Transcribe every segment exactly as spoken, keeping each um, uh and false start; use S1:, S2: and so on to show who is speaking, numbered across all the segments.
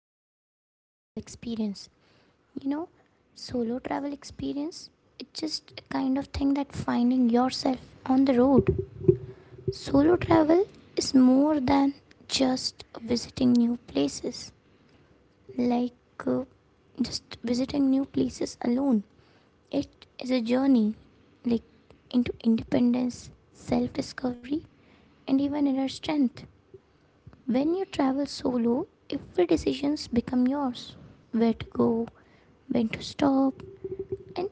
S1: the solo travel experience. You know, solo travel experience it's just a kind of thing that finding yourself on the road. Solo travel is more than just visiting new places like uh, just visiting new places alone. It is a journey like into independence, self discovery and even inner strength. When you travel solo, every decisions become yours. Where to go, when to stop, and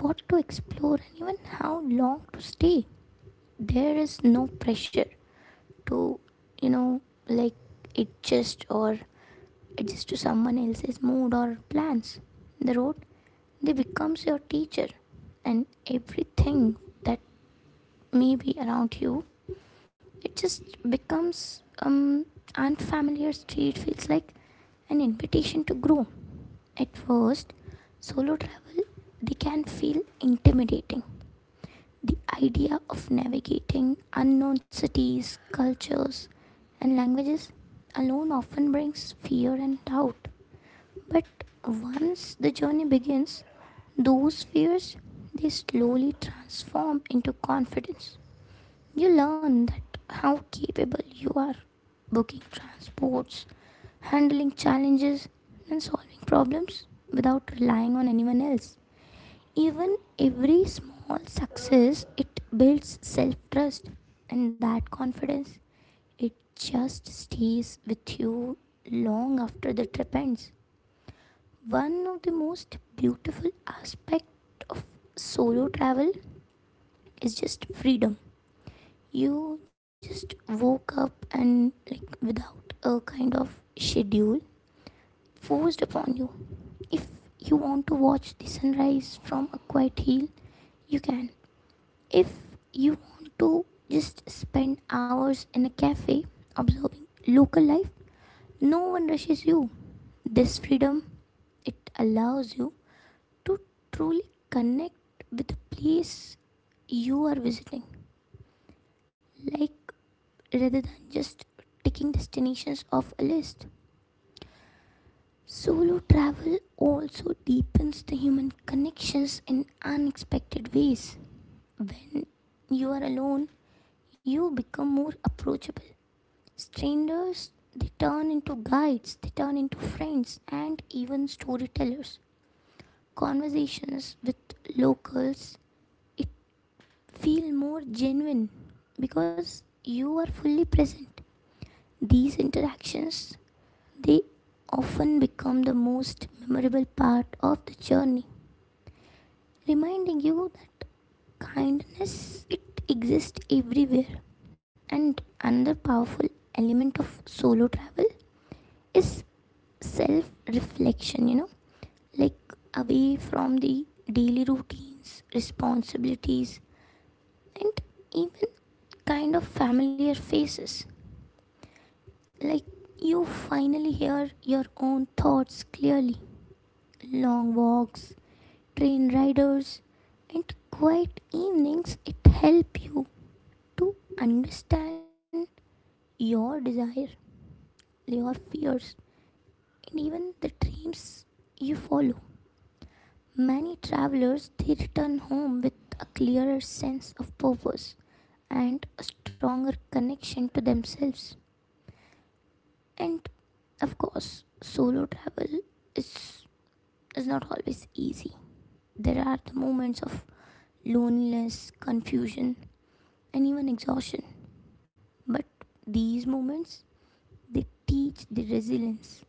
S1: what to explore and even how long to stay. There is no pressure to, you know, like adjust or adjust to someone else's mood or plans. The road they becomes your teacher and everything that may be around you it just becomes um unfamiliar street feels like an invitation to grow. At first, solo travel they can feel intimidating. The idea of navigating unknown cities, cultures, and languages alone often brings fear and doubt. But once the journey begins, those fears they slowly transform into confidence. You learn that how capable you are booking transports, handling challenges, and solving problems without relying on anyone else. Even every small success, it builds self trust, and that confidence, it just stays with you long after the trip ends. One of the most beautiful aspects of solo travel is just freedom. You just woke up and, like, without a kind of schedule forced upon you. If you want to watch the sunrise from a quiet hill, you can. If you want to just spend hours in a cafe observing local life, no one rushes you. This freedom it allows you to truly connect with the place you are visiting, like rather than just ticking destinations off a list. Solo travel also deepens the human connections in unexpected ways. When you are alone, you become more approachable. Strangers, they turn into guides, they turn into friends, and even storytellers. Conversations with locals, it feel more genuine because you are fully present. These interactions, they often become the most memorable part of the journey, reminding you that kindness it exists everywhere. And another powerful element of solo travel is self reflection, you know. Like away from the daily routines, responsibilities, and even kind of familiar faces. Like you finally hear your own thoughts clearly. Long walks, train riders, and quiet evenings it help you to understand your desire, your fears, and even the dreams you follow. Many travelers they return home with a clearer sense of purpose and a stronger connection to themselves. And of course, solo travel is, is not always easy. There are the moments of loneliness, confusion, and even exhaustion. But these moments, they teach the resilience.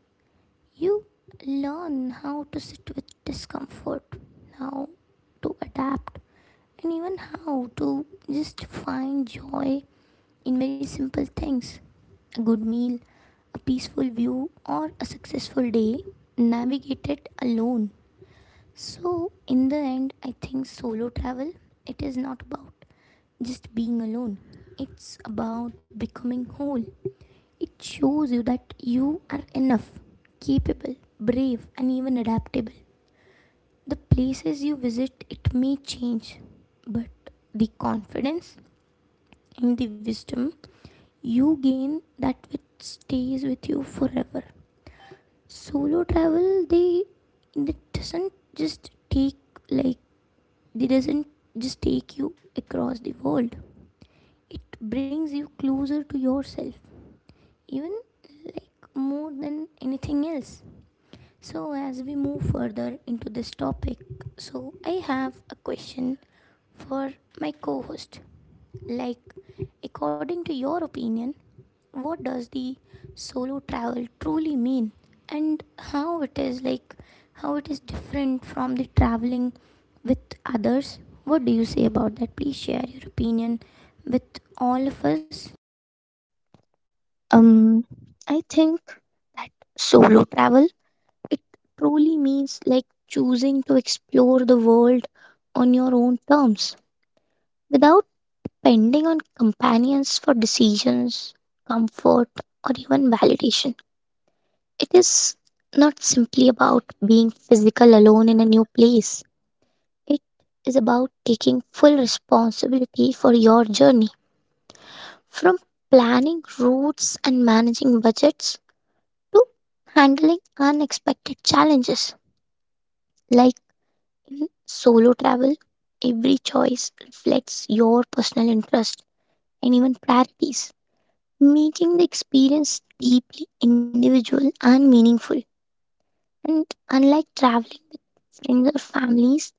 S1: You learn how to sit with discomfort, how to adapt, and even how to just find joy in very simple things. A good meal, a peaceful view, or a successful day navigated alone. So, in the end, I think solo travel it is not about just being alone. It's about becoming whole. It shows you that you are enough, capable, brave, and even adaptable. The places you visit it may change, but the confidence and the wisdom you gain that which stays with you forever. Solo travel they it doesn't just take like they doesn't just take you across the world, it brings you closer to yourself, even like more than anything else. So as we move further into this topic, so I have a question for my co-host, like according to your opinion, what does the solo travel truly mean and how it is like how it is different from the traveling with others? What do you say about that? Please share your opinion with all of us.
S2: Um, I think that solo travel it truly means like choosing to explore the world on your own terms without depending on companions for decisions, comfort, or even validation. It is not simply about being physical alone in a new place. It is about taking full responsibility for your journey from planning routes and managing budgets to handling unexpected challenges. Like in solo travel, every choice reflects your personal interest and even priorities, making the experience deeply individual and meaningful. And unlike traveling with friends or families,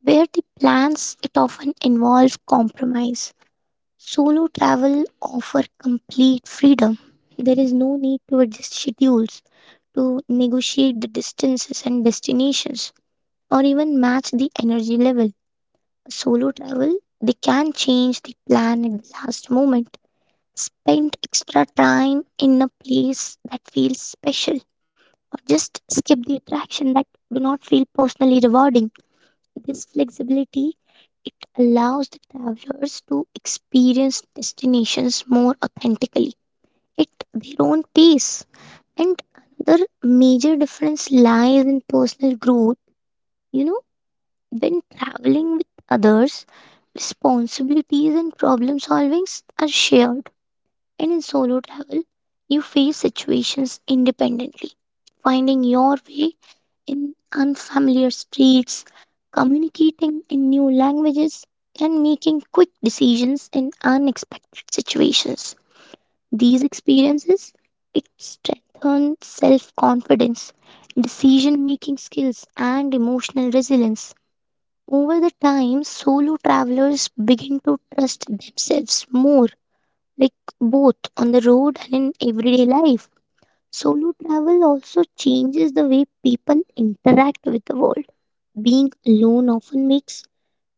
S2: where the plans it often involve compromise. Solo travel offer complete freedom. There is no need to adjust schedules to negotiate the distances and destinations or even match the energy level. Solo travel, they can change the plan at the last moment. Spend extra time in a place that feels special, or just skip the attraction that do not feel personally rewarding. This flexibility it allows the travelers to experience destinations more authentically at their own pace. And another major difference lies in personal growth. You know, when traveling with others, responsibilities and problem solvings are shared, and in solo travel you face situations independently, finding your way in unfamiliar streets, communicating in new languages, and making quick decisions in unexpected situations. These experiences it strengthens self confidence, decision making skills, and emotional resilience. Over the time, solo travelers begin to trust themselves more, like both on the road and in everyday life. Solo travel also changes the way people interact with the world. Being alone often makes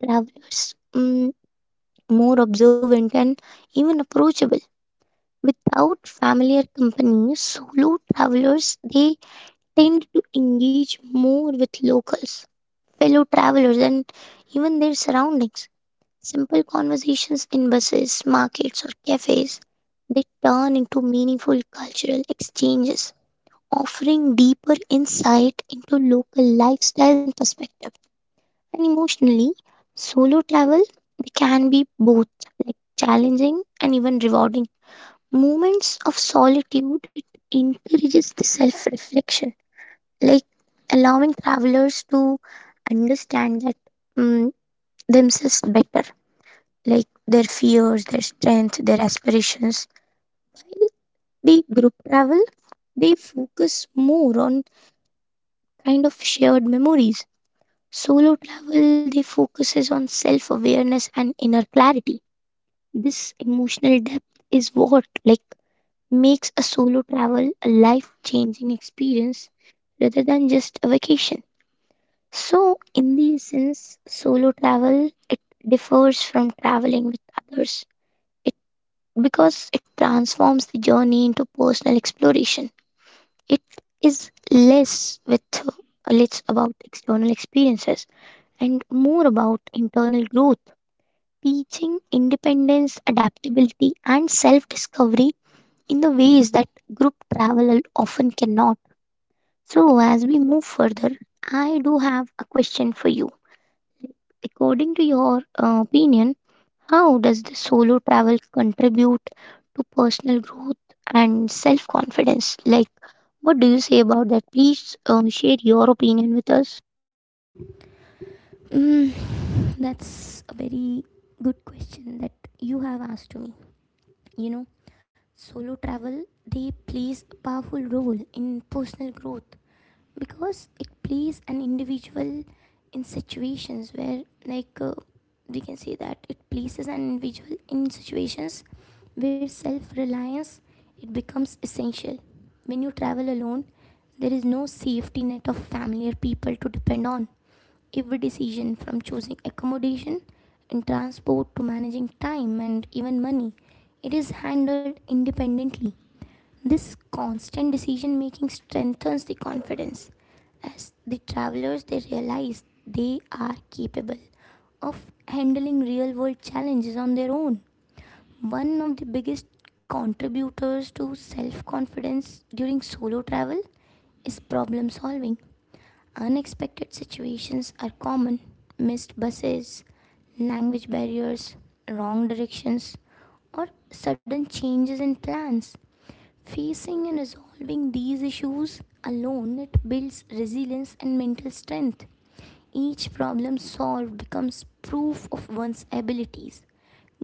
S2: travelers mm, more observant and even approachable. Without familiar company, solo travelers they tend to engage more with locals, fellow travelers, and even their surroundings. Simple conversations in buses, markets, or cafes, they turn into meaningful cultural exchanges, offering deeper insight into local lifestyles and perspectives. And emotionally, solo travel they can be both like challenging and even rewarding. Moments of solitude it encourages the self-reflection, like allowing travelers to understand that mm, themselves better, like their fears, their strength, their aspirations. While they group travel, they focus more on kind of shared memories. Solo travel, they focuses on self-awareness and inner clarity. This emotional depth is what like makes a solo travel a life-changing experience rather than just a vacation. So, in the sense, solo travel it differs from traveling with others, because it transforms the journey into personal exploration. It is less with less about external experiences and more about internal growth, teaching independence, adaptability, and self discovery in the ways that group travel often cannot. So, as we move further, I do have a question for you. According to your uh, opinion, how does the solo travel contribute to personal growth and self confidence? Like, what do you say about that? Please um, share your opinion with us.
S1: Mm, that's a very good question that you have asked to me. You know, solo travel they plays a powerful role in personal growth because it plays an individual in situations where like uh, we can say that it places an individual in situations where self-reliance it becomes essential. When you travel alone there is no safety net of family or people to depend on. Every decision from choosing accommodation and transport to managing time and even money, it is handled independently. This constant decision making strengthens the confidence. As the travelers, they realize they are capable of handling real world challenges on their own. One of the biggest contributors to self confidence during solo travel is problem solving. Unexpected situations are common: missed buses, language barriers, wrong directions, or sudden changes in plans. Facing and resolving these issues alone it builds resilience and mental strength. Each problem solved becomes proof of one's abilities,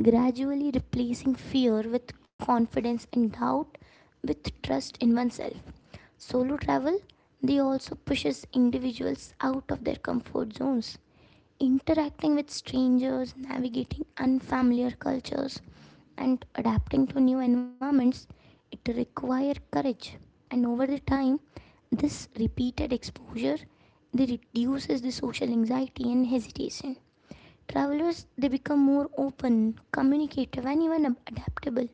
S1: gradually replacing fear with confidence and doubt with trust in oneself. Solo travel they also pushes individuals out of their comfort zones, interacting with strangers, navigating unfamiliar cultures and adapting to new environments, it requires courage. And over the time, this repeated exposure they reduces the social anxiety and hesitation. Travelers they become more open, communicative, and even adaptable.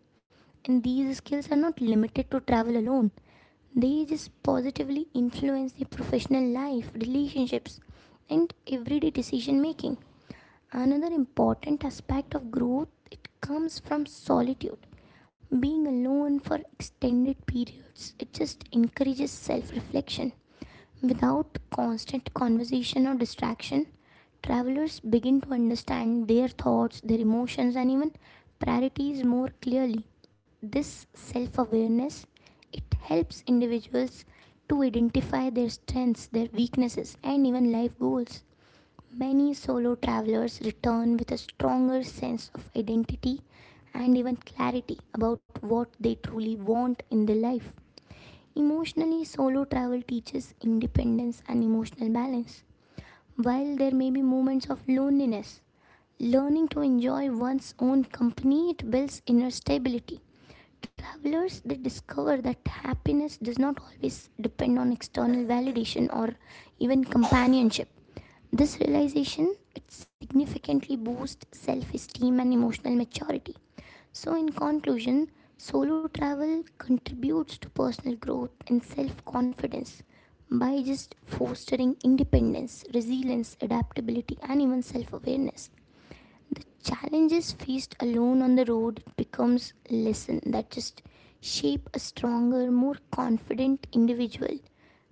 S1: And these skills are not limited to travel alone. They just positively influence the professional life, relationships, and everyday decision making. Another important aspect of growth it comes from solitude. Being alone for extended periods, it just encourages self reflection. Without constant conversation or distraction, travelers begin to understand their thoughts, their emotions, and even priorities more clearly. This self awareness it helps individuals to identify their strengths, their weaknesses, and even life goals. Many solo travelers return with a stronger sense of identity and even clarity about what they truly want in their life. Emotionally, solo travel teaches independence and emotional balance. While there may be moments of loneliness, learning to enjoy one's own company it builds inner stability. Travelers they discover that happiness does not always depend on external validation or even companionship. This realization it significantly boosts self-esteem and emotional maturity. So in conclusion, solo travel contributes to personal growth and self-confidence by just fostering independence, resilience, adaptability and even self-awareness. The challenges faced alone on the road becomes lesson that just shape a stronger, more confident individual,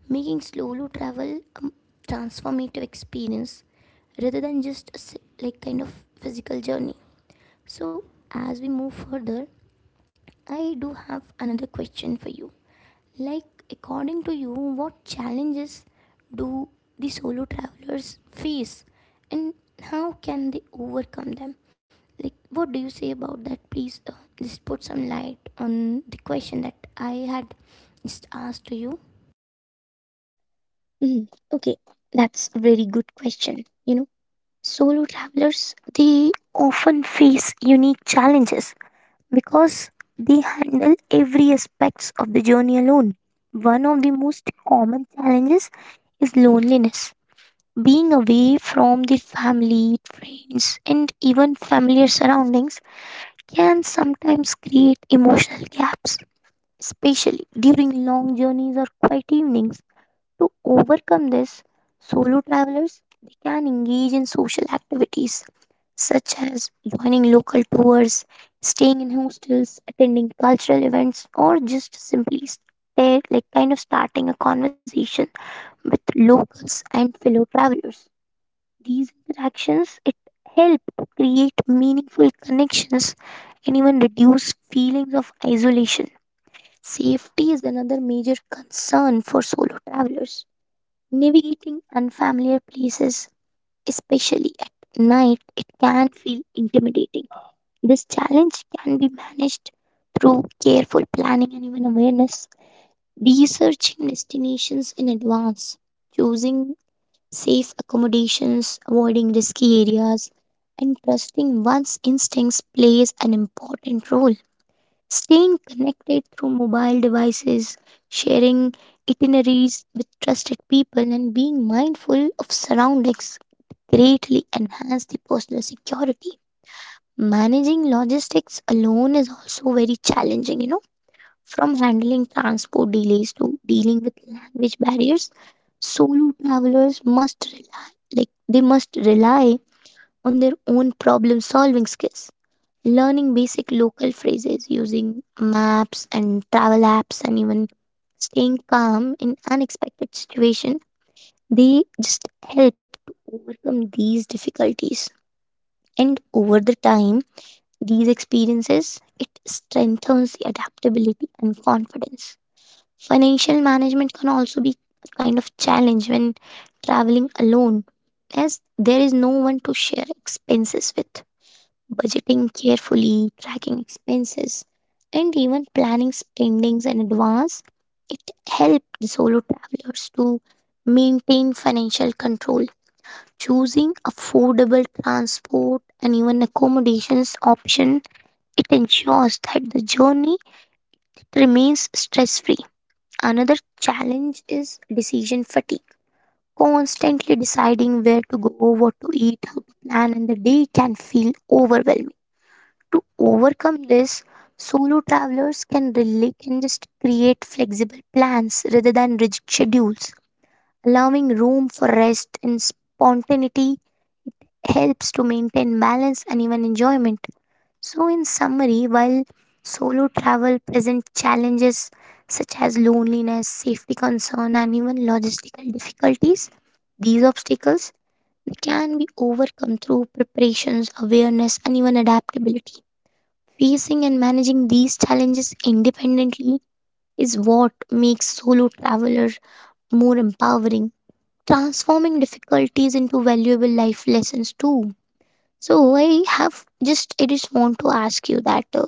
S1: making solo travel a transformative experience rather than just a si- like kind of physical journey. So as we move further, I do have another question for you. Like according to you, what challenges do the solo travelers face and how can they overcome them? Like what do you say about that? Please uh, just put some light on the question that I had just asked to you.
S2: Mm, okay, that's a very good question. You know, solo travelers they often face unique challenges because they handle every aspects of the journey alone. One of the most common challenges is loneliness. Being away from the family, friends, and even familiar surroundings can sometimes create emotional gaps, especially during long journeys or quiet evenings. To overcome this, solo travelers they can engage in social activities such as joining local tours, staying in hostels, attending cultural events, or just simply stay, like kind of starting a conversation with locals and fellow travelers. These interactions it help to create meaningful connections and even reduce feelings of isolation. Safety is another major concern for solo travelers. Navigating unfamiliar places, especially at night, it can feel intimidating. This challenge can be managed through careful planning and even awareness, researching destinations in advance, choosing safe accommodations, avoiding risky areas, and trusting one's instincts plays an important role. Staying connected through mobile devices, sharing itineraries with trusted people, and being mindful of surroundings greatly enhance the personal security. Managing logistics alone is also very challenging, you know, from handling transport delays to dealing with language barriers, solo travelers must rely, like they must rely on their own problem solving skills, learning basic local phrases, using maps and travel apps, and even staying calm in unexpected situation, they just help to overcome these difficulties. And over the time, these experiences it strengthens the adaptability and confidence. Financial management can also be a kind of challenge when traveling alone, as there is no one to share expenses with. Budgeting carefully, tracking expenses, and even planning spendings in advance, it helps the solo travelers to maintain financial control. Choosing affordable transport and even accommodations option, it ensures that the journey remains stress free. Another challenge is decision fatigue. Constantly deciding where to go, what to eat, how to plan, and the day can feel overwhelming. To overcome this, solo travelers can really can just create flexible plans rather than rigid schedules. Allowing room for rest and spontaneity helps to maintain balance and even enjoyment. So, in summary, while solo travel presents challenges such as loneliness, safety concern, and even logistical difficulties, these obstacles they can be overcome through preparations, awareness, and even adaptability. Facing and managing these challenges independently is what makes solo travelers more empowering, transforming difficulties into valuable life lessons too. So I have just I just want to ask you that uh,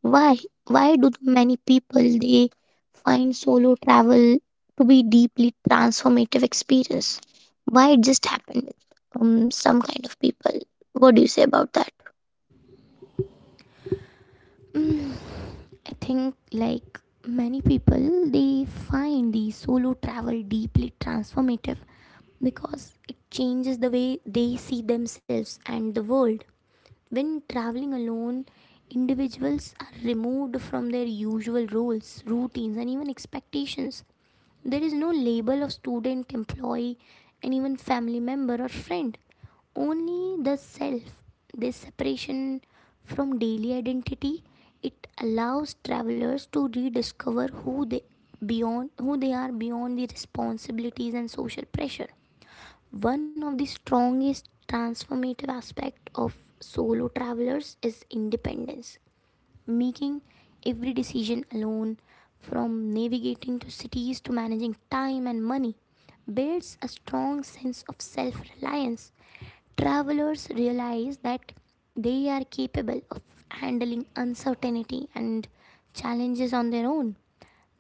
S2: why why do many people they find solo travel to be deeply transformative experience? Why it just happened with um, some kind of people? What do you say about that?
S1: Mm, I think, like many people, they find the solo travel deeply transformative because it changes the way they see themselves and the world. When traveling alone, individuals are removed from their usual roles, routines, and even expectations. There is no label of student, employee, and even family member or friend. Only the self. This separation from daily identity it allows travelers to rediscover who they beyond who they are beyond the responsibilities and social pressure. One of the strongest transformative aspect of solo travelers is independence, making every decision alone, from navigating to cities to managing time and money, builds a strong sense of self reliance. Travelers realize that they are capable of handling uncertainty and challenges on their own.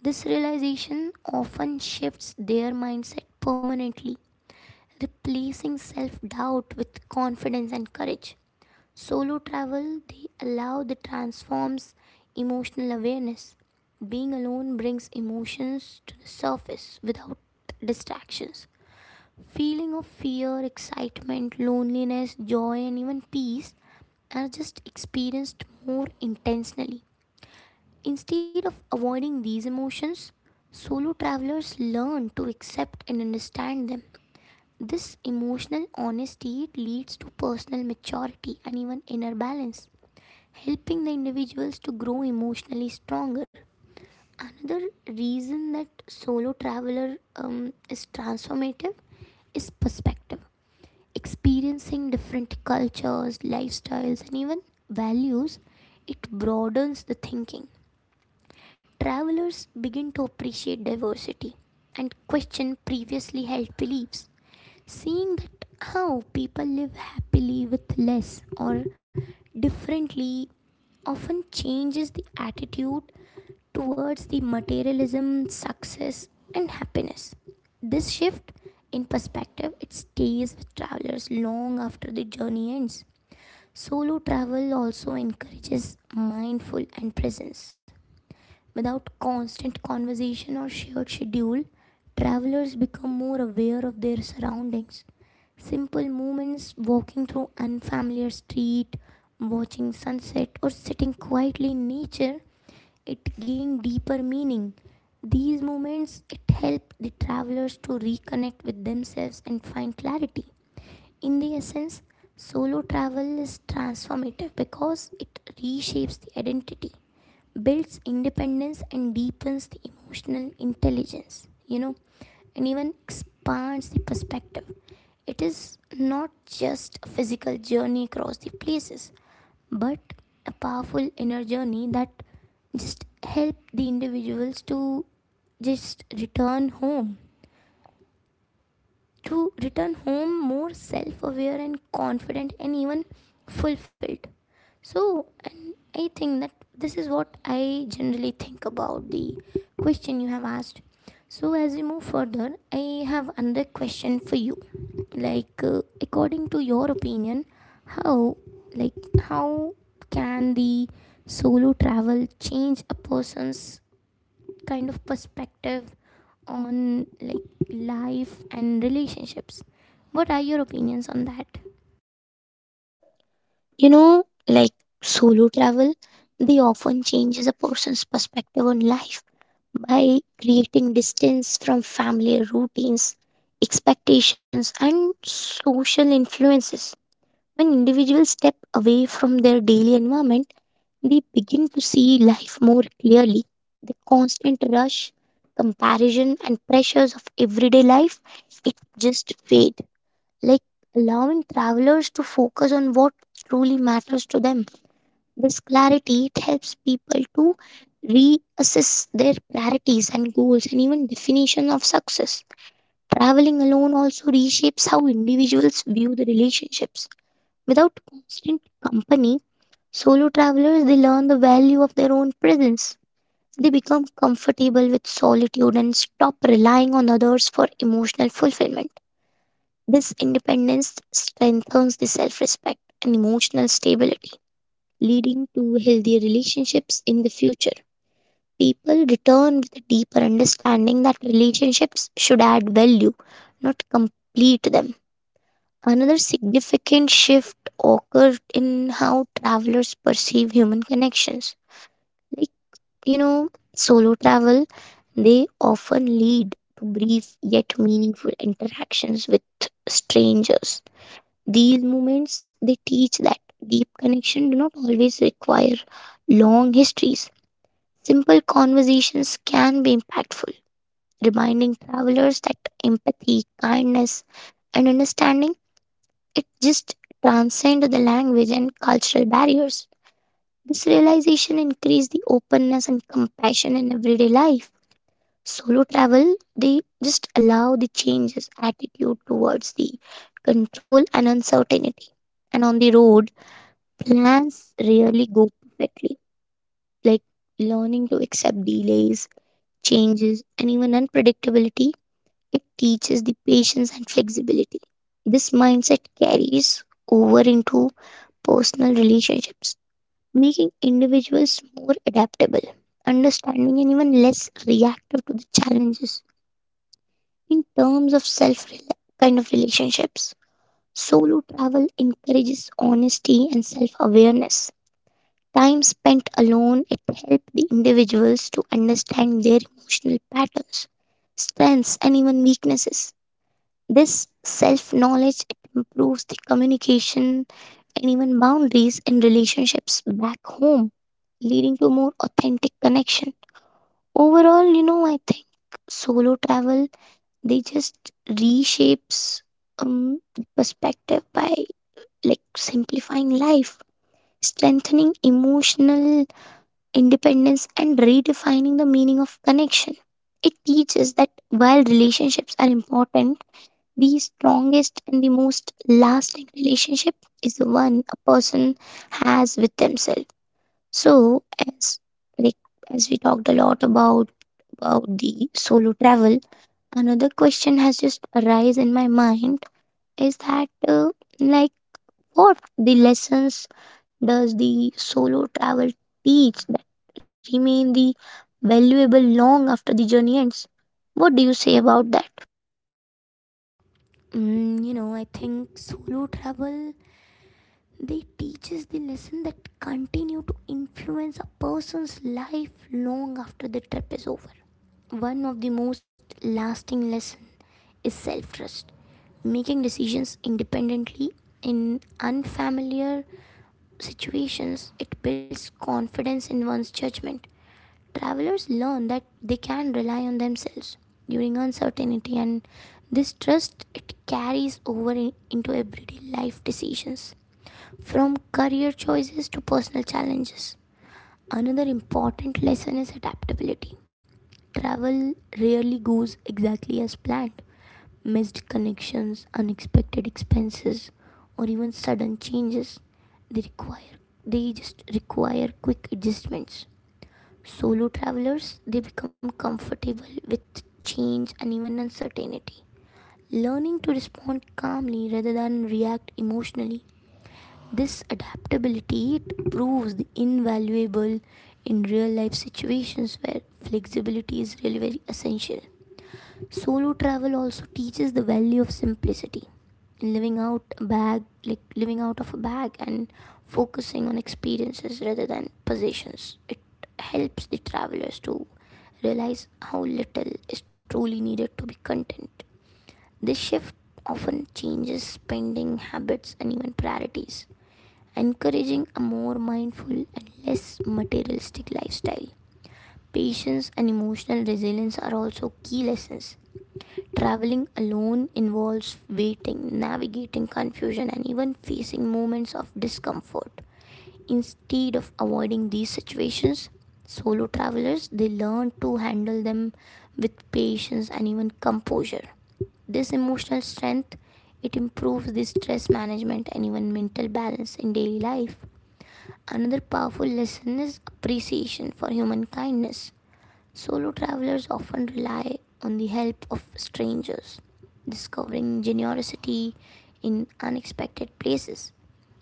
S1: This realization often shifts their mindset permanently, replacing self doubt with confidence and courage. Solo travel, they allow the transforms emotional awareness. Being alone brings emotions to the surface without distractions. Feeling of fear, excitement, loneliness, joy, and even peace are just experienced more intentionally. Instead of avoiding these emotions, solo travelers learn to accept and understand them. This emotional honesty leads to personal maturity and even inner balance, helping the individuals to grow emotionally stronger. Another reason that solo traveler um, is transformative is perspective. Experiencing different cultures, lifestyles, and even values, it broadens the thinking. Travelers begin to appreciate diversity and question previously held beliefs. Seeing that how people live happily with less or differently often changes the attitude towards the materialism, success, and happiness. This shift in perspective it stays with travelers long after the journey ends. Solo travel also encourages mindful and presence. Without constant conversation or shared schedule, travelers become more aware of their surroundings. Simple movements, walking through unfamiliar street, watching sunset or sitting quietly in nature it gained deeper meaning. These moments it helped the travelers to reconnect with themselves and find clarity. In the essence, solo travel is transformative because it reshapes the identity, builds independence and deepens the emotional intelligence, you know, and even expands the perspective. It is not just a physical journey across the places but a powerful inner journey that just help the individuals to just return home to return home more self-aware and confident and even fulfilled. So, and I think that this is what I generally think about the question you have asked. So, as we move further, I have another question for you. Like, uh, according to your opinion, how, like, how can the solo travel change a person's kind of perspective on like life and relationships? What are your opinions on that?
S2: You know, like solo travel, they often changes a person's perspective on life by creating distance from family routines, expectations, and social influences. When individuals step away from their daily environment, they begin to see life more clearly. The constant rush, comparison, and pressures of everyday life, it just fade. Like allowing travelers to focus on what truly matters to them. This clarity it helps people to reassess their priorities and goals and even definition of success. Traveling alone also reshapes how individuals view the relationships. Without constant company, solo travelers they learn the value of their own presence. They become comfortable with solitude and stop relying on others for emotional fulfillment. This independence strengthens the self-respect and emotional stability, leading to healthier relationships in the future. People return with a deeper understanding that relationships should add value, not complete them. Another significant shift occurred in how travelers perceive human connections. Like, you know, solo travel, they often lead to brief yet meaningful interactions with strangers. These moments, they teach that deep connection do not always require long histories. Simple conversations can be impactful, reminding travelers that empathy, kindness, and understanding, it just transcended the language and cultural barriers. This realization increased the openness and compassion in everyday life. Solo travel, they just allow the changes attitude towards the control and uncertainty. And on the road, plans rarely go perfectly. Like learning to accept delays, changes, and even unpredictability, it teaches the patience and flexibility. This mindset carries over into personal relationships, making individuals more adaptable, understanding, and even less reactive to the challenges in terms of self kind of relationships. Solo travel encourages honesty and self awareness. Time spent alone, it helps the individuals to understand their emotional patterns, strengths, and even weaknesses. This self knowledge improves the communication and even boundaries in relationships back home, leading to more authentic connection. Overall, you know, I think solo travel they just reshapes um perspective by like simplifying life, strengthening emotional independence, and redefining the meaning of connection. It teaches that while relationships are important, the strongest and the most lasting relationship is the one a person has with themselves. So as like as we talked a lot about about the solo travel, another question has just arise in my mind is that uh, like what the lessons does the solo travel teach that remain the valuable long after the journey ends? What do you say about that?
S1: Mm, you know, I think solo travel they teach us the lesson that continue to influence a person's life long after the trip is over. One of the most lasting lessons is self-trust. Making decisions independently in unfamiliar situations, it builds confidence in one's judgment. Travelers learn that they can rely on themselves during uncertainty, and this trust it carries over in, into everyday life decisions, from career choices to personal challenges. Another important lesson is adaptability. Travel rarely goes exactly as planned. Missed connections, unexpected expenses, or even sudden changes, they require they just require quick adjustments. Solo travelers, they become comfortable with change and even uncertainty. Learning to respond calmly rather than react emotionally, this adaptability it proves the invaluable in real life situations where flexibility is really very essential. Solo travel also teaches the value of simplicity in living out a bag like living out of a bag and focusing on experiences rather than possessions. It helps the travelers to realize how little is truly needed to be content. This shift often changes spending habits and even priorities, encouraging a more mindful and less materialistic lifestyle. Patience and emotional resilience are also key lessons. Traveling alone involves waiting, navigating confusion, and even facing moments of discomfort. Instead of avoiding these situations, solo travelers they learn to handle them with patience and even composure. This emotional strength it improves the stress management and even mental balance in daily life. Another powerful lesson is appreciation for human kindness. Solo travelers often rely on the help of strangers, discovering generosity in unexpected places.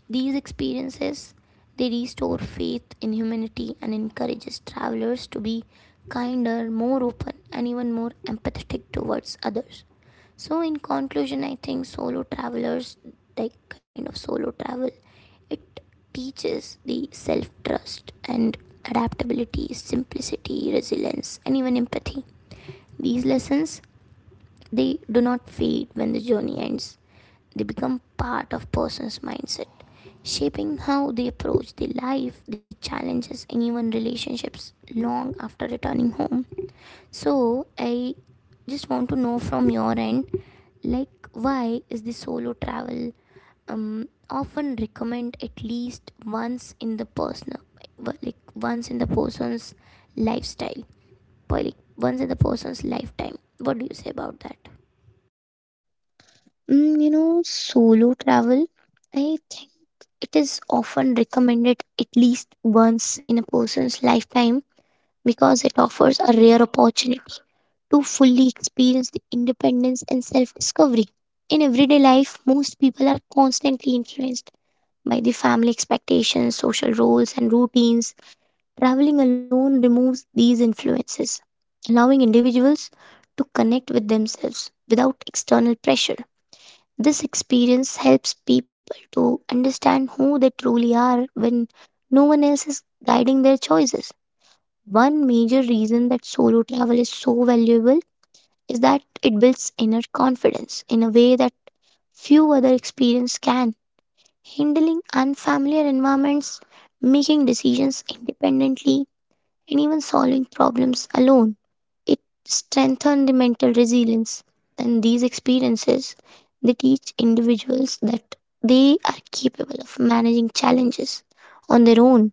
S1: These experiences they restore faith in humanity and encourages travelers to be kinder, more open and even more empathetic towards others. So in conclusion, I think solo travelers, like kind of solo travel, it teaches the self trust and adaptability, simplicity, resilience, and even empathy. These lessons they do not fade when the journey ends. They become part of person's mindset, shaping how they approach the life, the challenges, and even relationships long after returning home. So I just want to know from your end, like, why is the solo travel um, often recommend at least once in the personal, like once in the person's lifestyle, but like once in the person's lifetime? What do you say about that?
S2: Mm, you know, solo travel, I think it is often recommended at least once in a person's lifetime because it offers a rare opportunity to fully experience the independence and self discovery. In everyday life, most people are constantly influenced by the family expectations, social roles, and routines. Traveling alone removes these influences, allowing individuals to connect with themselves without external pressure. This experience helps people to understand who they truly are when no one else is guiding their choices. One major reason that solo travel is so valuable is that it builds inner confidence in a way that few other experience can. Handling unfamiliar environments, making decisions independently, and even solving problems alone. It strengthens the mental resilience. And these experiences they teach individuals that they are capable of managing challenges on their own,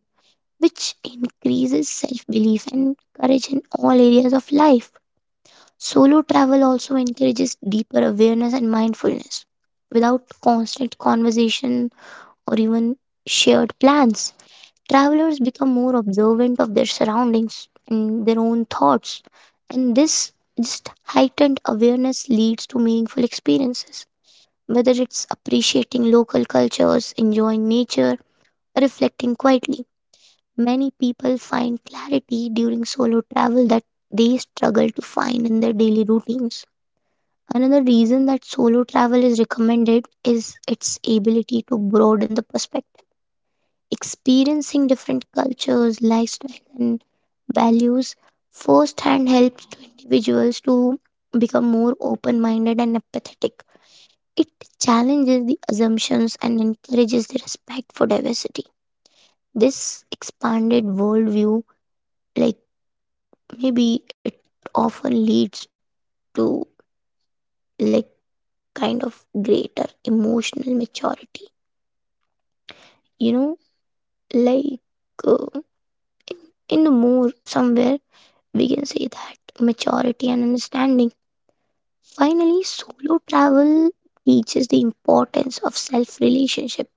S2: which increases self belief and courage in all areas of life. Solo travel also encourages deeper awareness and mindfulness. Without constant conversation or even shared plans, travelers become more observant of their surroundings and their own thoughts. And this just heightened awareness leads to meaningful experiences, whether it's appreciating local cultures, enjoying nature, or reflecting quietly. Many people find clarity during solo travel that they struggle to find in their daily routines. Another reason that solo travel is recommended is its ability to broaden the perspective. Experiencing different cultures, lifestyles, and values firsthand helps to individuals to become more open minded and empathetic. It challenges the assumptions and encourages the respect for diversity. This expanded worldview, like maybe it often leads to like kind of greater emotional maturity, you know like uh, in the more somewhere we can say that maturity and understanding. Finally, solo travel teaches the importance of self relationship,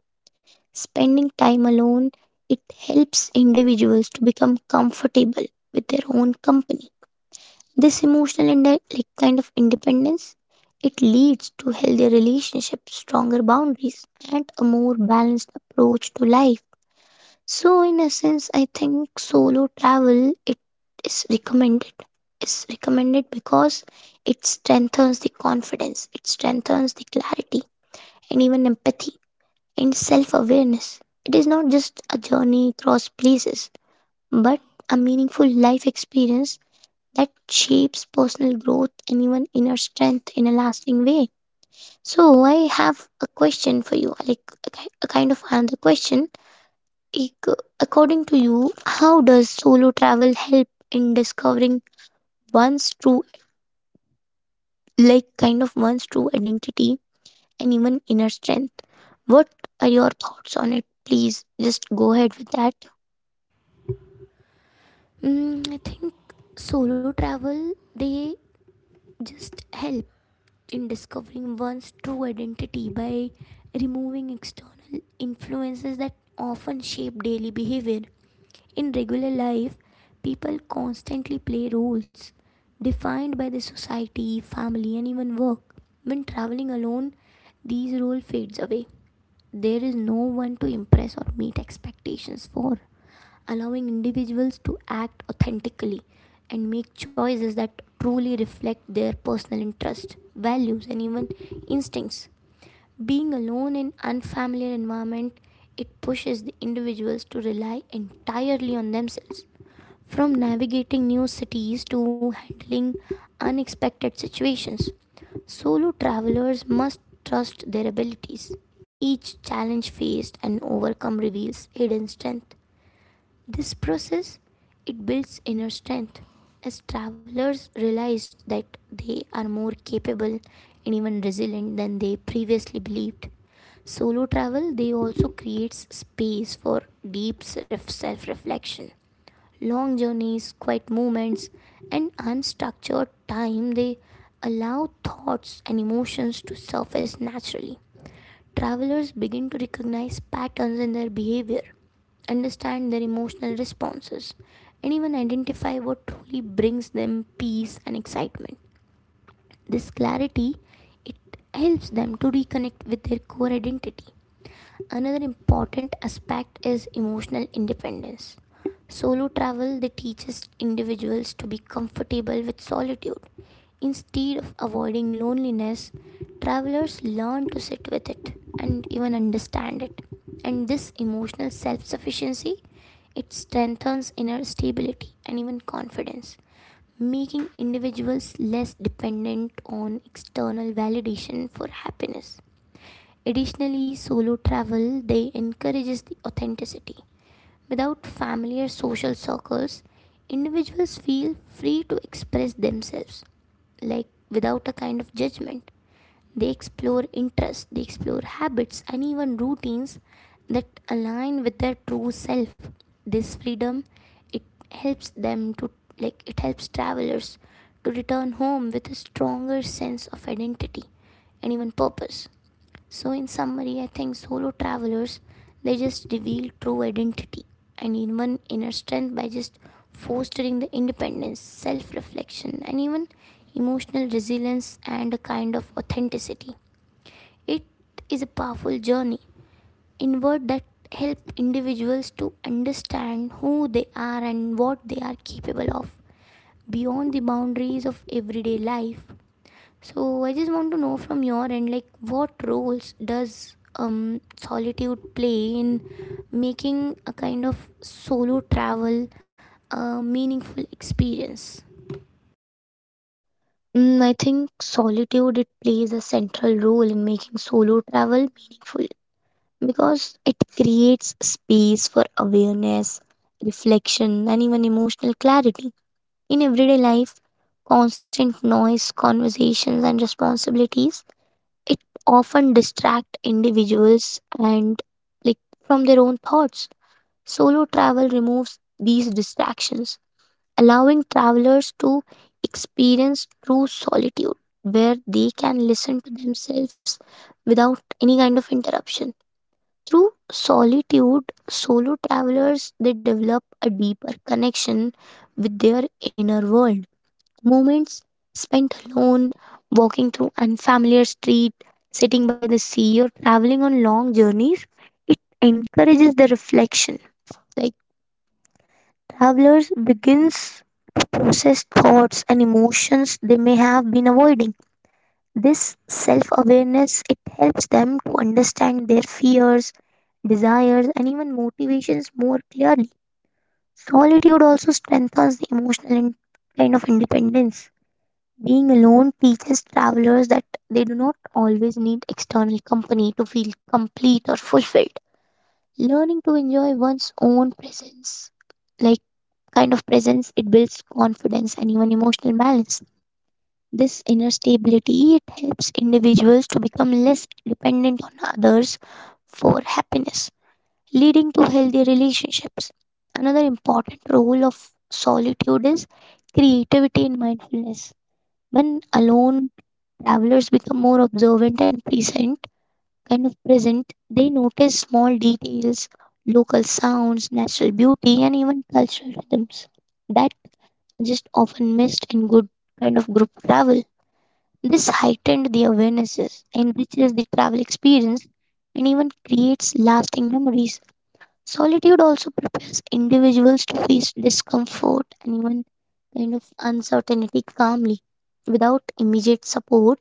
S2: spending time alone. It helps individuals to become comfortable with their own company. This emotional and uh, like kind of independence, it leads to healthier relationships, stronger boundaries, and a more balanced approach to life. So, in essence, I think solo travel it is recommended. Is recommended because it strengthens the confidence, it strengthens the clarity, and even empathy and self-awareness. It is not just a journey across places, but a meaningful life experience that shapes personal growth and even inner strength in a lasting way. So, I have a question for you, like a ki- a kind of another question. Ac- According to you, how does solo travel help in discovering one's true, like kind of one's true identity and even inner strength? What are your thoughts on it? Please just go ahead with that.
S1: Mm, I think solo travel they just help in discovering one's true identity by removing external influences that often shape daily behavior. In regular life, people constantly play roles defined by the society, family, and even work. When traveling alone, these role fades away. There is no one to impress or meet expectations for, allowing individuals to act authentically and make choices that truly reflect their personal interests, values, and even instincts. Being alone in unfamiliar environment, it pushes the individuals to rely entirely on themselves, from navigating new cities to handling unexpected situations. Solo travelers must trust their abilities. Each challenge faced and overcome reveals hidden strength. This process it builds inner strength, as travelers realized that they are more capable and even resilient than they previously believed. Solo travel they also creates space for deep self reflection. Long journeys, quiet moments, and unstructured time, they allow thoughts and emotions to surface naturally. Travelers begin to recognize patterns in their behavior, understand their emotional responses, and even identify what truly brings them peace and excitement. This clarity it helps them to reconnect with their core identity. Another important aspect is emotional independence. Solo travel they teaches individuals to be comfortable with solitude. Instead of avoiding loneliness, travelers learn to sit with it and even understand it. And this emotional self-sufficiency it strengthens inner stability and even confidence, making individuals less dependent on external validation for happiness. Additionally, solo travel they encourages the authenticity. Without familiar social circles, individuals feel free to express themselves, like without a kind of judgment. They explore interests, they explore habits and even routines that align with their true self. This freedom it helps them to like it helps travelers to return home with a stronger sense of identity and even purpose. So in summary, I think solo travelers they just reveal true identity and even inner strength by just fostering the independence, self-reflection, and even emotional resilience and a kind of authenticity. It is a powerful journey inward that help individuals to understand who they are and what they are capable of beyond the boundaries of everyday life. So I just want to know from your end, like what roles does um solitude play in making a kind of solo travel a meaningful experience?
S2: Mm, I think solitude it plays a central role in making solo travel meaningful because it creates space for awareness, reflection, and even emotional clarity. In everyday life, constant noise, conversations, and responsibilities, it often distract individuals and like from their own thoughts. Solo travel removes these distractions, allowing travelers to experience true solitude where they can listen to themselves without any kind of interruption. Through solitude, solo travelers they develop a deeper connection with their inner world. Moments spent alone, walking through unfamiliar street, sitting by the sea or traveling on long journeys, it encourages the reflection. Like Travelers begins to process thoughts and emotions they may have been avoiding. This self-awareness it helps them to understand their fears, desires, and even motivations more clearly. Solitude also strengthens the emotional and kind of independence. Being alone teaches travelers that they do not always need external company to feel complete or fulfilled. Learning to enjoy one's own presence, like kind of presence, it builds confidence and even emotional balance. This inner stability it helps individuals to become less dependent on others for happiness, leading to healthy relationships. Another important role of solitude is creativity and mindfulness. When alone, travelers become more observant and present, kind of present, they notice small details, local sounds, natural beauty, and even cultural rhythms that are just often missed in good kind of group travel. This heightened the awarenesses, enriches the travel experience, and even creates lasting memories. Solitude also prepares individuals to face discomfort and even kind of uncertainty calmly. Without immediate support,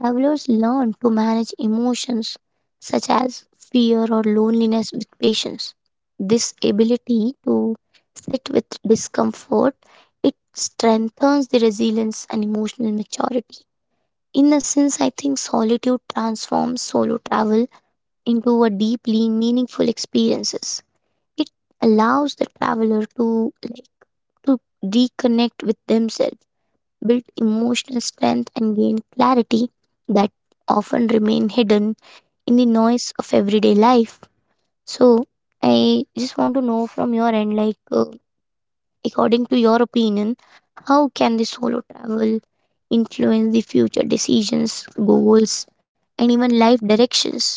S2: travelers learn to manage emotions such as fear or loneliness with patience. This ability to sit with discomfort, it strengthens the resilience and emotional maturity. In a sense, I think solitude transforms solo travel into a deeply meaningful experiences. It allows the traveler to like to reconnect with themselves, build emotional strength and gain clarity that often remain hidden in the noise of everyday life. So I just want to know from your end, like uh, according to your opinion, how can the solo travel influence the future decisions, goals, and even life directions?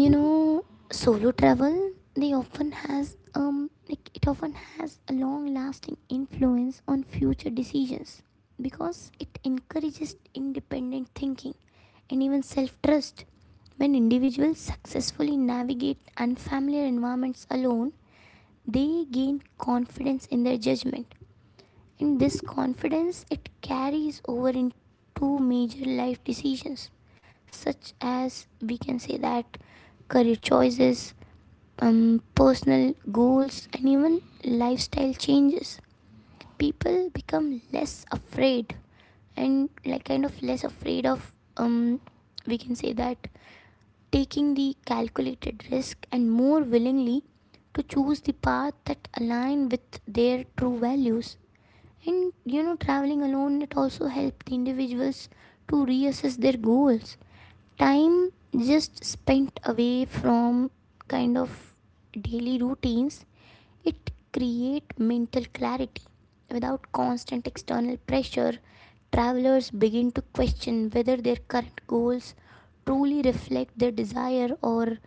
S1: You know, solo travel they often has um like it often has a long lasting influence on future decisions because it encourages independent thinking and even self trust. When individuals successfully navigate unfamiliar environments alone, they gain confidence in their judgment, and this confidence it carries over into major life decisions, such as we can say that career choices, um, personal goals, and even lifestyle changes. People become less afraid, and like kind of less afraid of, um, we can say that, taking the calculated risk and more willingly to choose the path that align with their true values. And you know, traveling alone it also helps the individuals to reassess their goals. Time just spent away from kind of daily routines, it create mental clarity. Without constant external pressure, travelers begin to question whether their current goals truly reflect their desire or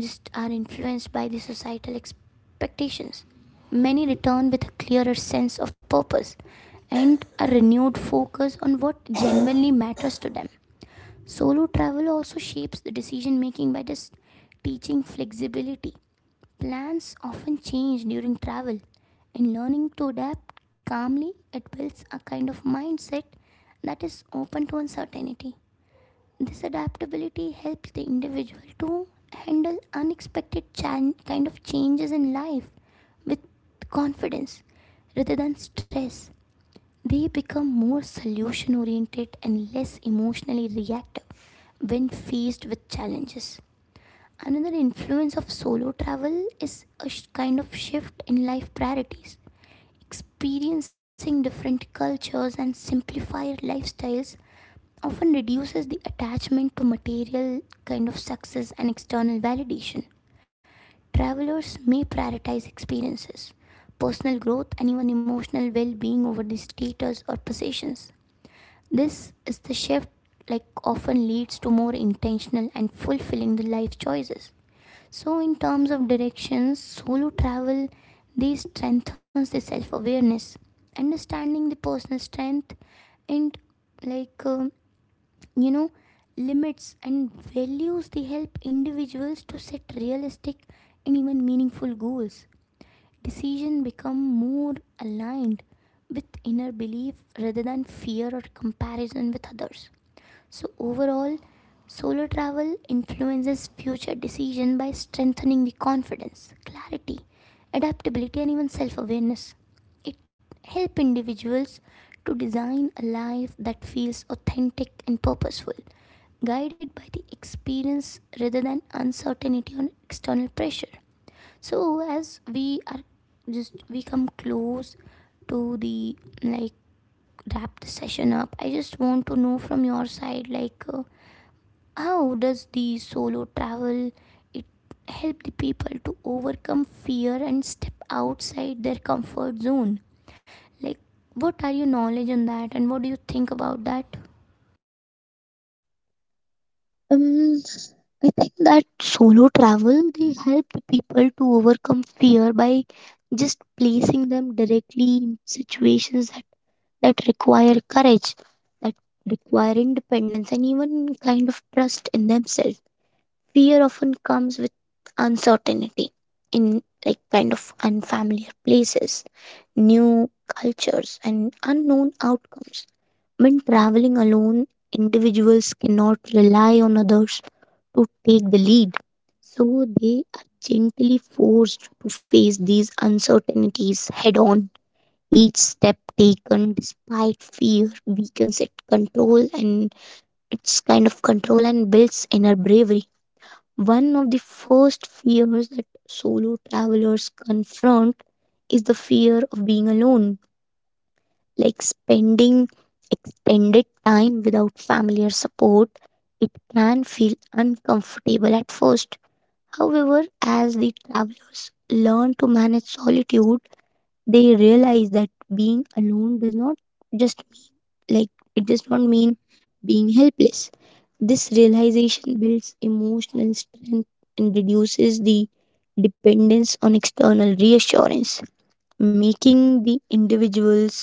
S1: just are influenced by the societal expectations. Many return with a clearer sense of purpose and a renewed focus on what genuinely matters to them. Solo travel also shapes the decision making by just teaching flexibility. Plans often change during travel, and learning to adapt calmly it builds a kind of mindset that is open to uncertainty. This adaptability helps the individual to handle unexpected chan- kind of changes in life with confidence rather than stress. They become more solution oriented and less emotionally reactive when faced with challenges. Another influence of solo travel is a sh- kind of shift in life priorities. Experiencing different cultures and simplified lifestyles often reduces the attachment to material kind of success and external validation. Travelers may prioritize experiences, personal growth, and even emotional well being over the status or possessions. This is the shift like often leads to more intentional and fulfilling the life choices. So, in terms of directions, solo travel this strengthens the self awareness, understanding the personal strength, and like um, you know, limits and values. They help individuals to set realistic and even meaningful goals. Decision become more aligned with inner belief rather than fear or comparison with others. So overall, solo travel influences future decision by strengthening the confidence, clarity, adaptability and even self-awareness. It help individuals to design a life that feels authentic and purposeful, guided by the experience rather than uncertainty or external pressure. So as we are just we come close to the like wrap the session up, I just want to know from your side, like uh, how does the solo travel it help the people to overcome fear and step outside their comfort zone? Like what are your knowledge on that and what do you think about that?
S2: Um, I think that solo travel they help people to overcome fear by just placing them directly in situations that, that require courage, that require independence, and even kind of trust in themselves. Fear often comes with uncertainty in like kind of unfamiliar places, new cultures, and unknown outcomes. When traveling alone, individuals cannot rely on others to take the lead. So they are gently forced to face these uncertainties head on. Each step taken despite fear weakens its control and its kind of control and builds inner bravery. One of the first fears that solo travelers confront is the fear of being alone, like spending extended time without family or support. It can feel uncomfortable at first. However, as the travelers learn to manage solitude, they realize that being alone does not just mean like it does not mean being helpless. This realization builds emotional strength and reduces the dependence on external reassurance, making the individuals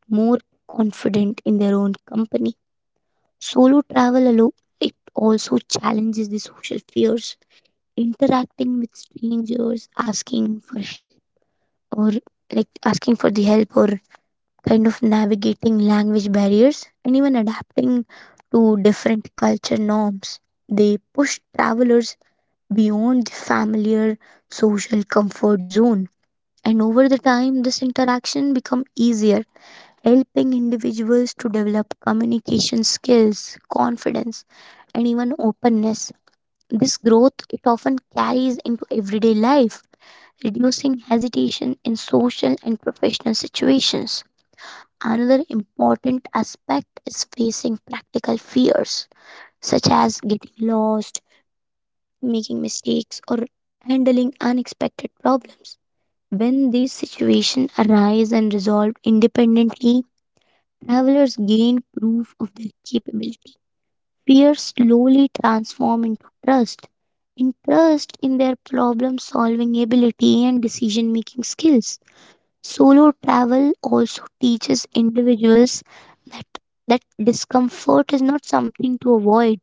S2: more confident in their own company. Solo travel alone it also challenges the social fears, interacting with strangers, asking for help, or like asking for the help, or kind of navigating language barriers, and even adapting to different culture norms. They push travelers beyond the familiar social comfort zone. And over the time, this interaction become easier, helping individuals to develop communication skills, confidence, and even openness. This growth it often carries into everyday life, reducing hesitation in social and professional situations. Another important aspect is facing practical fears, such as getting lost, making mistakes, or handling unexpected problems. When these situations arise and resolved independently, travelers gain proof of their capability. Fears slowly transform into trust, in trust in their problem solving ability and decision making skills. Solo travel also teaches individuals that, that discomfort is not something to avoid,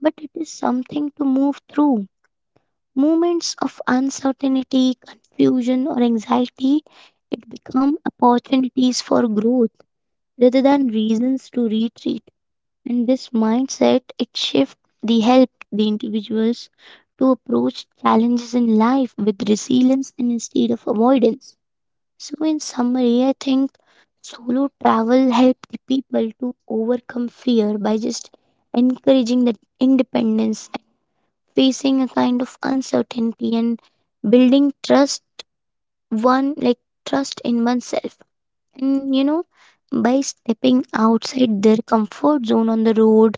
S2: but it is something to move through. Moments of uncertainty, confusion, or anxiety, it become opportunities for growth rather than reasons to retreat. And this mindset, it shifts the help the individuals to approach challenges in life with resilience and instead of avoidance. So, in summary, I think solo travel helps the people to overcome fear by just encouraging that independence and facing a kind of uncertainty and building trust, one like trust in oneself. And you know, by stepping outside their comfort zone on the road,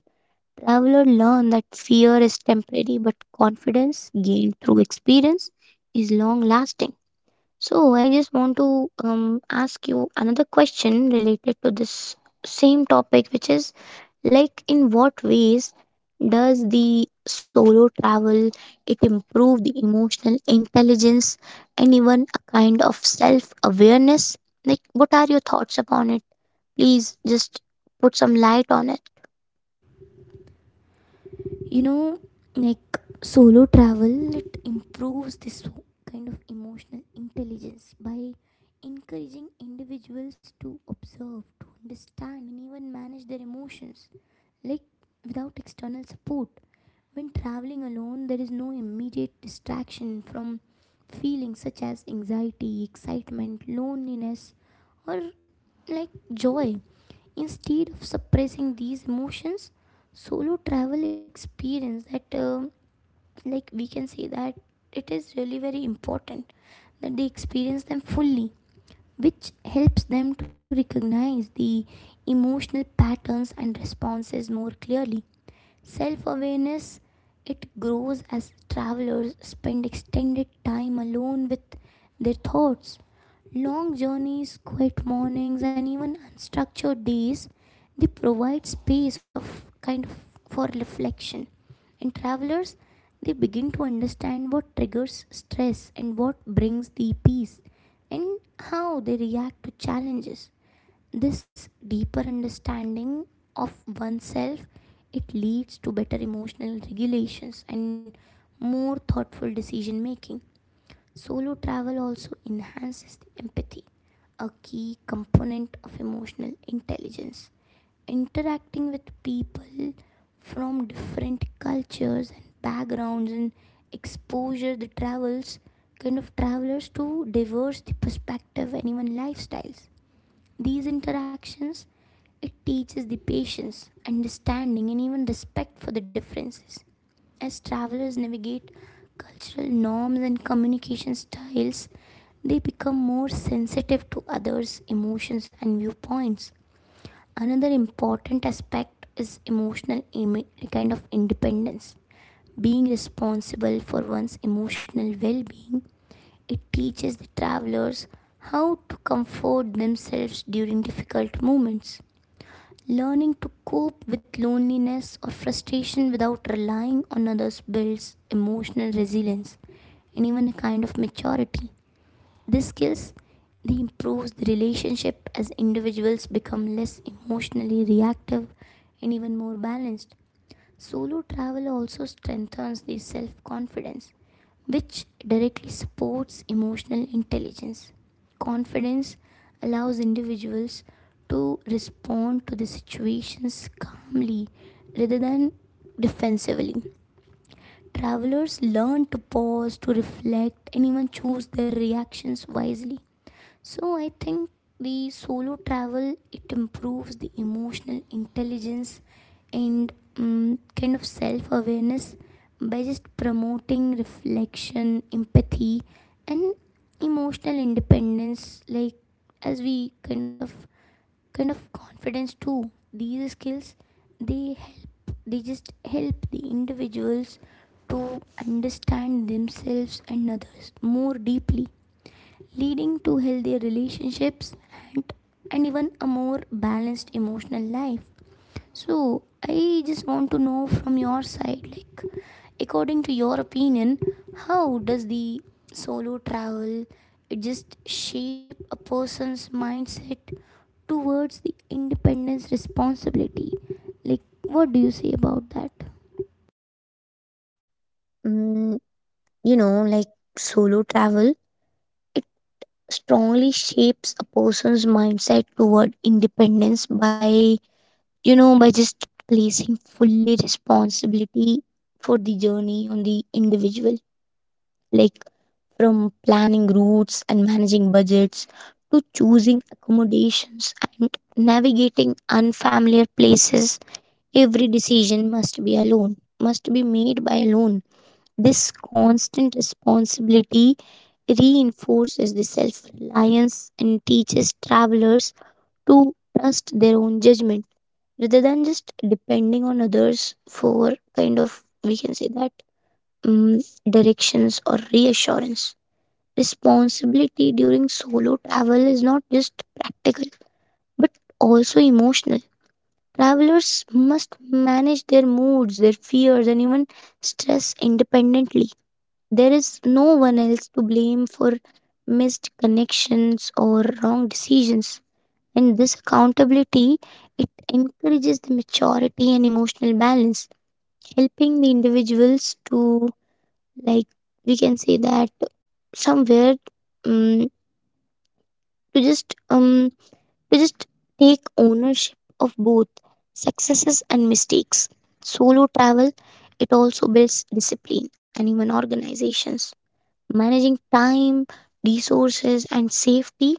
S2: traveler learn that fear is temporary but confidence gained through experience is long lasting. So I just want to um, ask you another question related to this same topic, which is like in what ways does the solo travel it improve the emotional intelligence and even a kind of self awareness? Like, what are your thoughts upon it? Please just put some light on it.
S1: You know, like solo travel it improves this kind of emotional intelligence by encouraging individuals to observe, to understand and even manage their emotions, like without external support. When traveling alone, there is no immediate distraction from feelings such as anxiety, excitement, loneliness, or like joy. Instead of suppressing these emotions, solo travel experience that, uh, like, we can say that it is really very important that they experience them fully, which helps them to recognize the emotional patterns and responses more clearly. Self awareness it grows as travelers spend extended time alone with their thoughts. Long journeys, quiet mornings, and even unstructured days, they provide space of kind of for reflection. And travelers they begin to understand what triggers stress and what brings the peace and how they react to challenges. This deeper understanding of oneself it leads to better emotional regulations and more thoughtful decision making. Solo travel also enhances the empathy, a key component of emotional intelligence. Interacting with people from different cultures and backgrounds and exposure the travels kind of travelers to diverse the perspective and even lifestyles. These interactions it teaches the patience, understanding, and even respect for the differences. As travelers navigate cultural norms and communication styles, they become more sensitive to others' emotions and viewpoints. Another important aspect is emotional imi- kind of independence. Being responsible for one's emotional well being, it teaches the travelers how to comfort themselves during difficult moments. Learning to cope with loneliness or frustration without relying on others builds emotional resilience and even a kind of maturity. These skills they improves the relationship as individuals become less emotionally reactive and even more balanced. Solo travel also strengthens the self-confidence which directly supports emotional intelligence. Confidence allows individuals to respond to the situations calmly rather than defensively. Travelers learn to pause, to reflect, and even choose their reactions wisely. So I think the solo travel it improves the emotional intelligence and, um, kind of self awareness, by just promoting reflection, empathy, and emotional independence. Like as we kind of kind of confidence too. These skills they help they just help the individuals to understand themselves and others more deeply, leading to healthier relationships and, and even a more balanced emotional life. So, I just want to know from your side, like, according to your opinion, how does the solo travel it just shape a person's mindset towards the independence responsibility? Like, what do you say about that?
S2: Mm, you know, like solo travel, it strongly shapes a person's mindset toward independence by you know by just placing fully responsibility for the journey on the individual, like from planning routes and managing budgets to choosing accommodations and navigating unfamiliar places. Every decision must be alone, must be made by alone. This constant responsibility reinforces the self reliance and teaches travelers to trust their own judgment rather than just depending on others for kind of, we can say that, mm directions or reassurance. Responsibility during solo travel is not just practical but also emotional. Travelers must manage their moods, their fears and even stress independently. There is no one else to blame for missed connections or wrong decisions. And this accountability it encourages the maturity and emotional balance, helping the individuals to like we can say that somewhere, um, to just um to just take ownership of both successes and mistakes. Solo travel it also builds discipline and even organizations. Managing time, resources, and safety,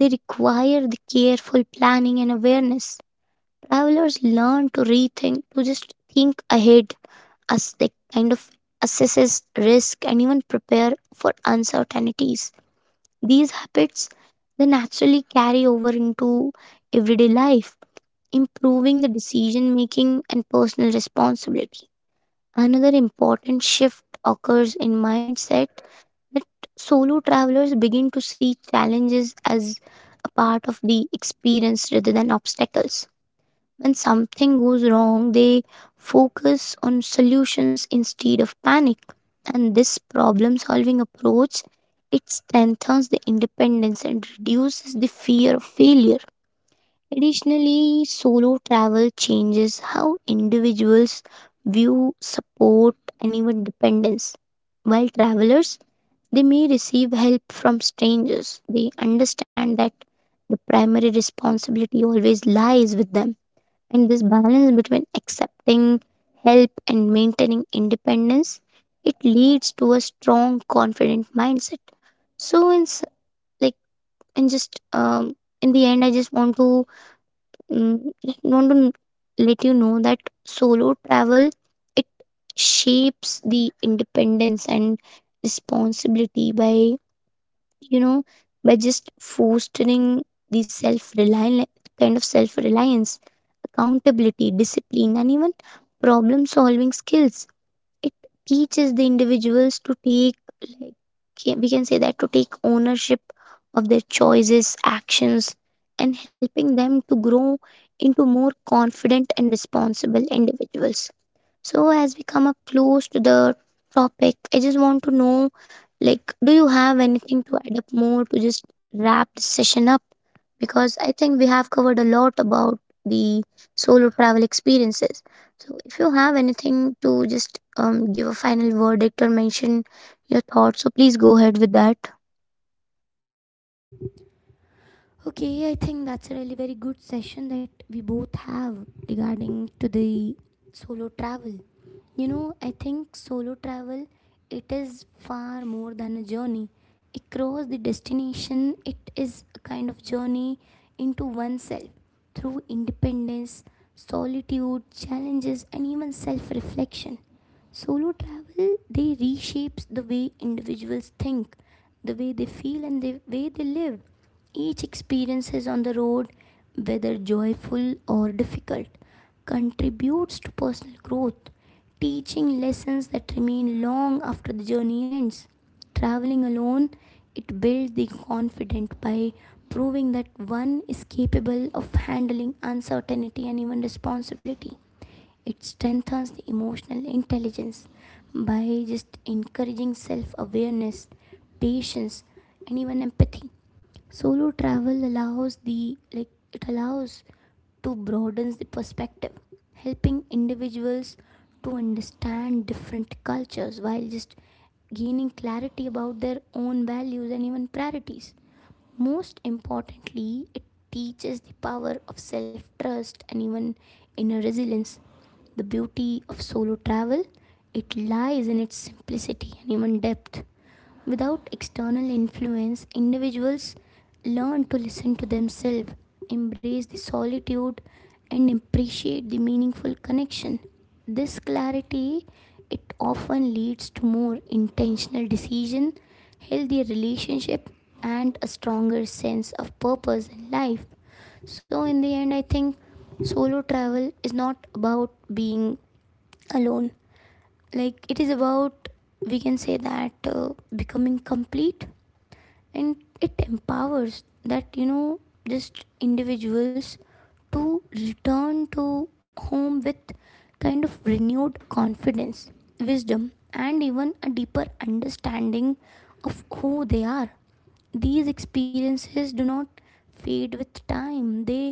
S2: they require the careful planning and awareness. Travelers learn to rethink, to just think ahead as they kind of assesses risk and even prepare for uncertainties. These habits they naturally carry over into everyday life, improving the decision making and personal responsibility. Another important shift occurs in mindset that solo travelers begin to see challenges as a part of the experience rather than obstacles. When something goes wrong, they focus on solutions instead of panic. And this problem solving approach it strengthens the independence and reduces the fear of failure. Additionally, solo travel changes how individuals view support and even dependence. While travelers, they may receive help from strangers. They understand that the primary responsibility always lies with them, and this balance between accepting help and maintaining independence, it leads to a strong, confident mindset. So in s- like in just um, in the end, I just want to mm, just want to let you know that solo travel it shapes the independence and responsibility by, you know, by just fostering the self reliant, kind of self reliance, accountability, discipline, and even problem solving skills. It teaches the individuals to take like ca- we can say that to take ownership of their choices, actions, and helping them to grow into more confident and responsible individuals. So, as we come up close to the topic, I just want to know, like, do you have anything to add up more to just wrap this session up? Because I think we have covered a lot about the solo travel experiences. So, if you have anything to just um, give a final verdict or mention your thoughts, so please go ahead with that.
S1: Okay, I think that's a really very good session that we both have regarding to the solo travel. You know, I think solo travel it is far more than a journey. Across the destination, it is a kind of journey into oneself through independence, solitude, challenges and even self-reflection. Solo travel they reshapes the way individuals think, the way they feel and the way they live. Each experience is on the road, whether joyful or difficult, contributes to personal growth, teaching lessons that remain long after the journey ends. Traveling alone, it builds the confident by proving that one is capable of handling uncertainty and even responsibility. It strengthens the emotional intelligence by just encouraging self awareness, patience, and even empathy. Solo travel allows the like it allows to broaden the perspective, helping individuals to understand different cultures while just gaining clarity about their own values and even priorities. Most importantly, it teaches the power of self trust and even inner resilience. The beauty of solo travel, it lies in its simplicity and even depth. Without external influence, individuals learn to listen to themselves, embrace the solitude, and appreciate the meaningful connection. This clarity it often leads to more intentional decision, healthier relationship, and a stronger sense of purpose in life. So in the end, I think solo travel is not about being alone. Like it is about, we can say that, uh, becoming complete, and it empowers that you know just individuals to return to home with kind of renewed confidence, wisdom and even a deeper understanding of who they are. These experiences do not fade with time, they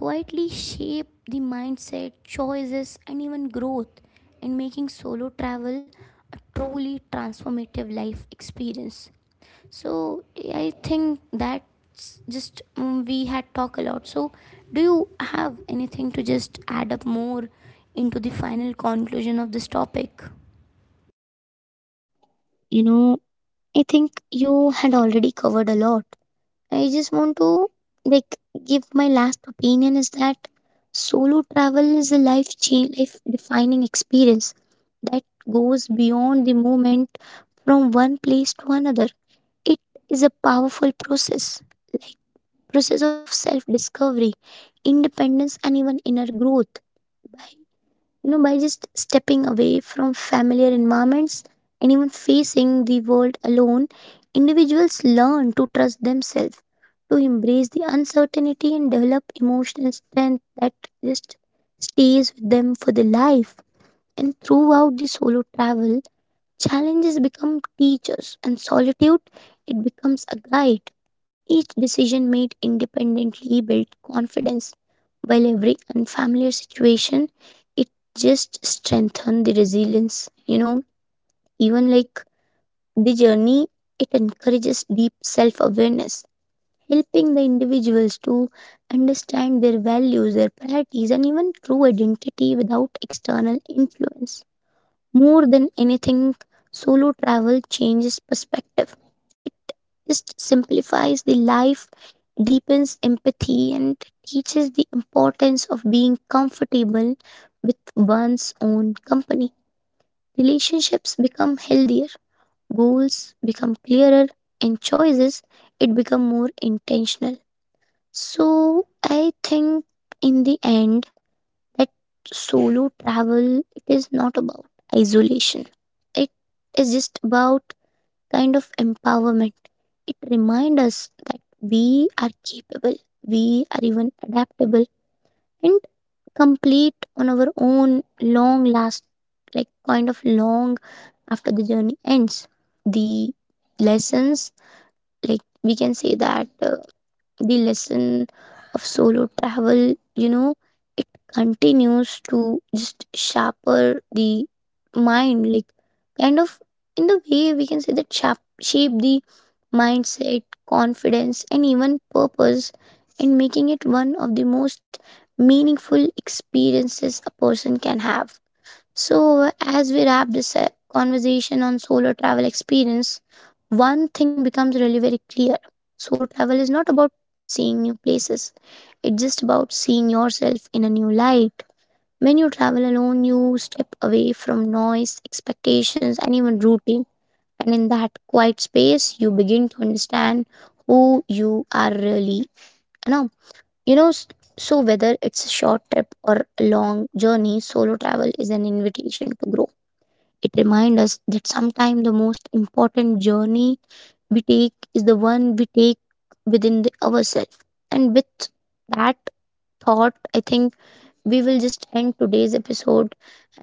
S1: quietly shape the mindset, choices and even growth, in making solo travel a truly transformative life experience. So I think that's just, mm, we had talked a lot, so do you have anything to just add up more into the final conclusion of this topic?
S2: You know, I think you had already covered a lot. I just want to like give my last opinion is that solo travel is a life change, life defining experience that goes beyond the moment from one place to another. It is a powerful process, like process of self discovery, independence and even inner growth. By, you know, by just stepping away from familiar environments and even facing the world alone, individuals learn to trust themselves, to embrace the uncertainty and develop emotional strength that just stays with them for the life. And throughout the solo travel, challenges become teachers, and solitude it becomes a guide. Each decision made independently builds confidence, while every unfamiliar situation it just strengthens the resilience. You know, even like the journey, it encourages deep self-awareness, helping the individuals to understand their values, their priorities, and even true identity without external influence. More than anything, solo travel changes perspective. It just simplifies the life, deepens empathy, and teaches the importance of being comfortable with one's own company. Relationships become healthier, goals become clearer, and choices it become more intentional. So I think in the end that solo travel it is not about isolation, it is just about kind of empowerment. It reminds us that we are capable, we are even adaptable, and complete on our own. Long last, like kind of long after the journey ends, the lessons, like we can say that uh, the lesson of solo travel, you know, it continues to just sharper the mind, like kind of in the way we can say that sharp, shape the mindset, confidence, and even purpose, and making it one of the most meaningful experiences a person can have. So, as we wrap this uh, conversation on solo travel experience, one thing becomes really very clear. Solo travel is not about seeing new places, it's just about seeing yourself in a new light. When you travel alone, you step away from noise, expectations, and even routine. And in that quiet space, you begin to understand who you are really. You know, you know. s- So whether it's a short trip or a long journey, solo travel is an invitation to grow. It reminds us that sometimes the most important journey we take is the one we take within the, ourselves. And with that thought, I think we will just end today's episode.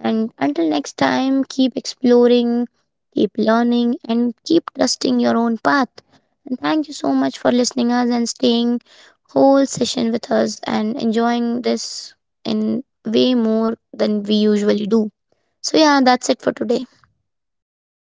S2: And until next time, keep exploring, keep learning, and keep trusting your own path. And thank you so much for listening us and staying whole session with us and enjoying this in way more than we usually do. So yeah, that's it for today.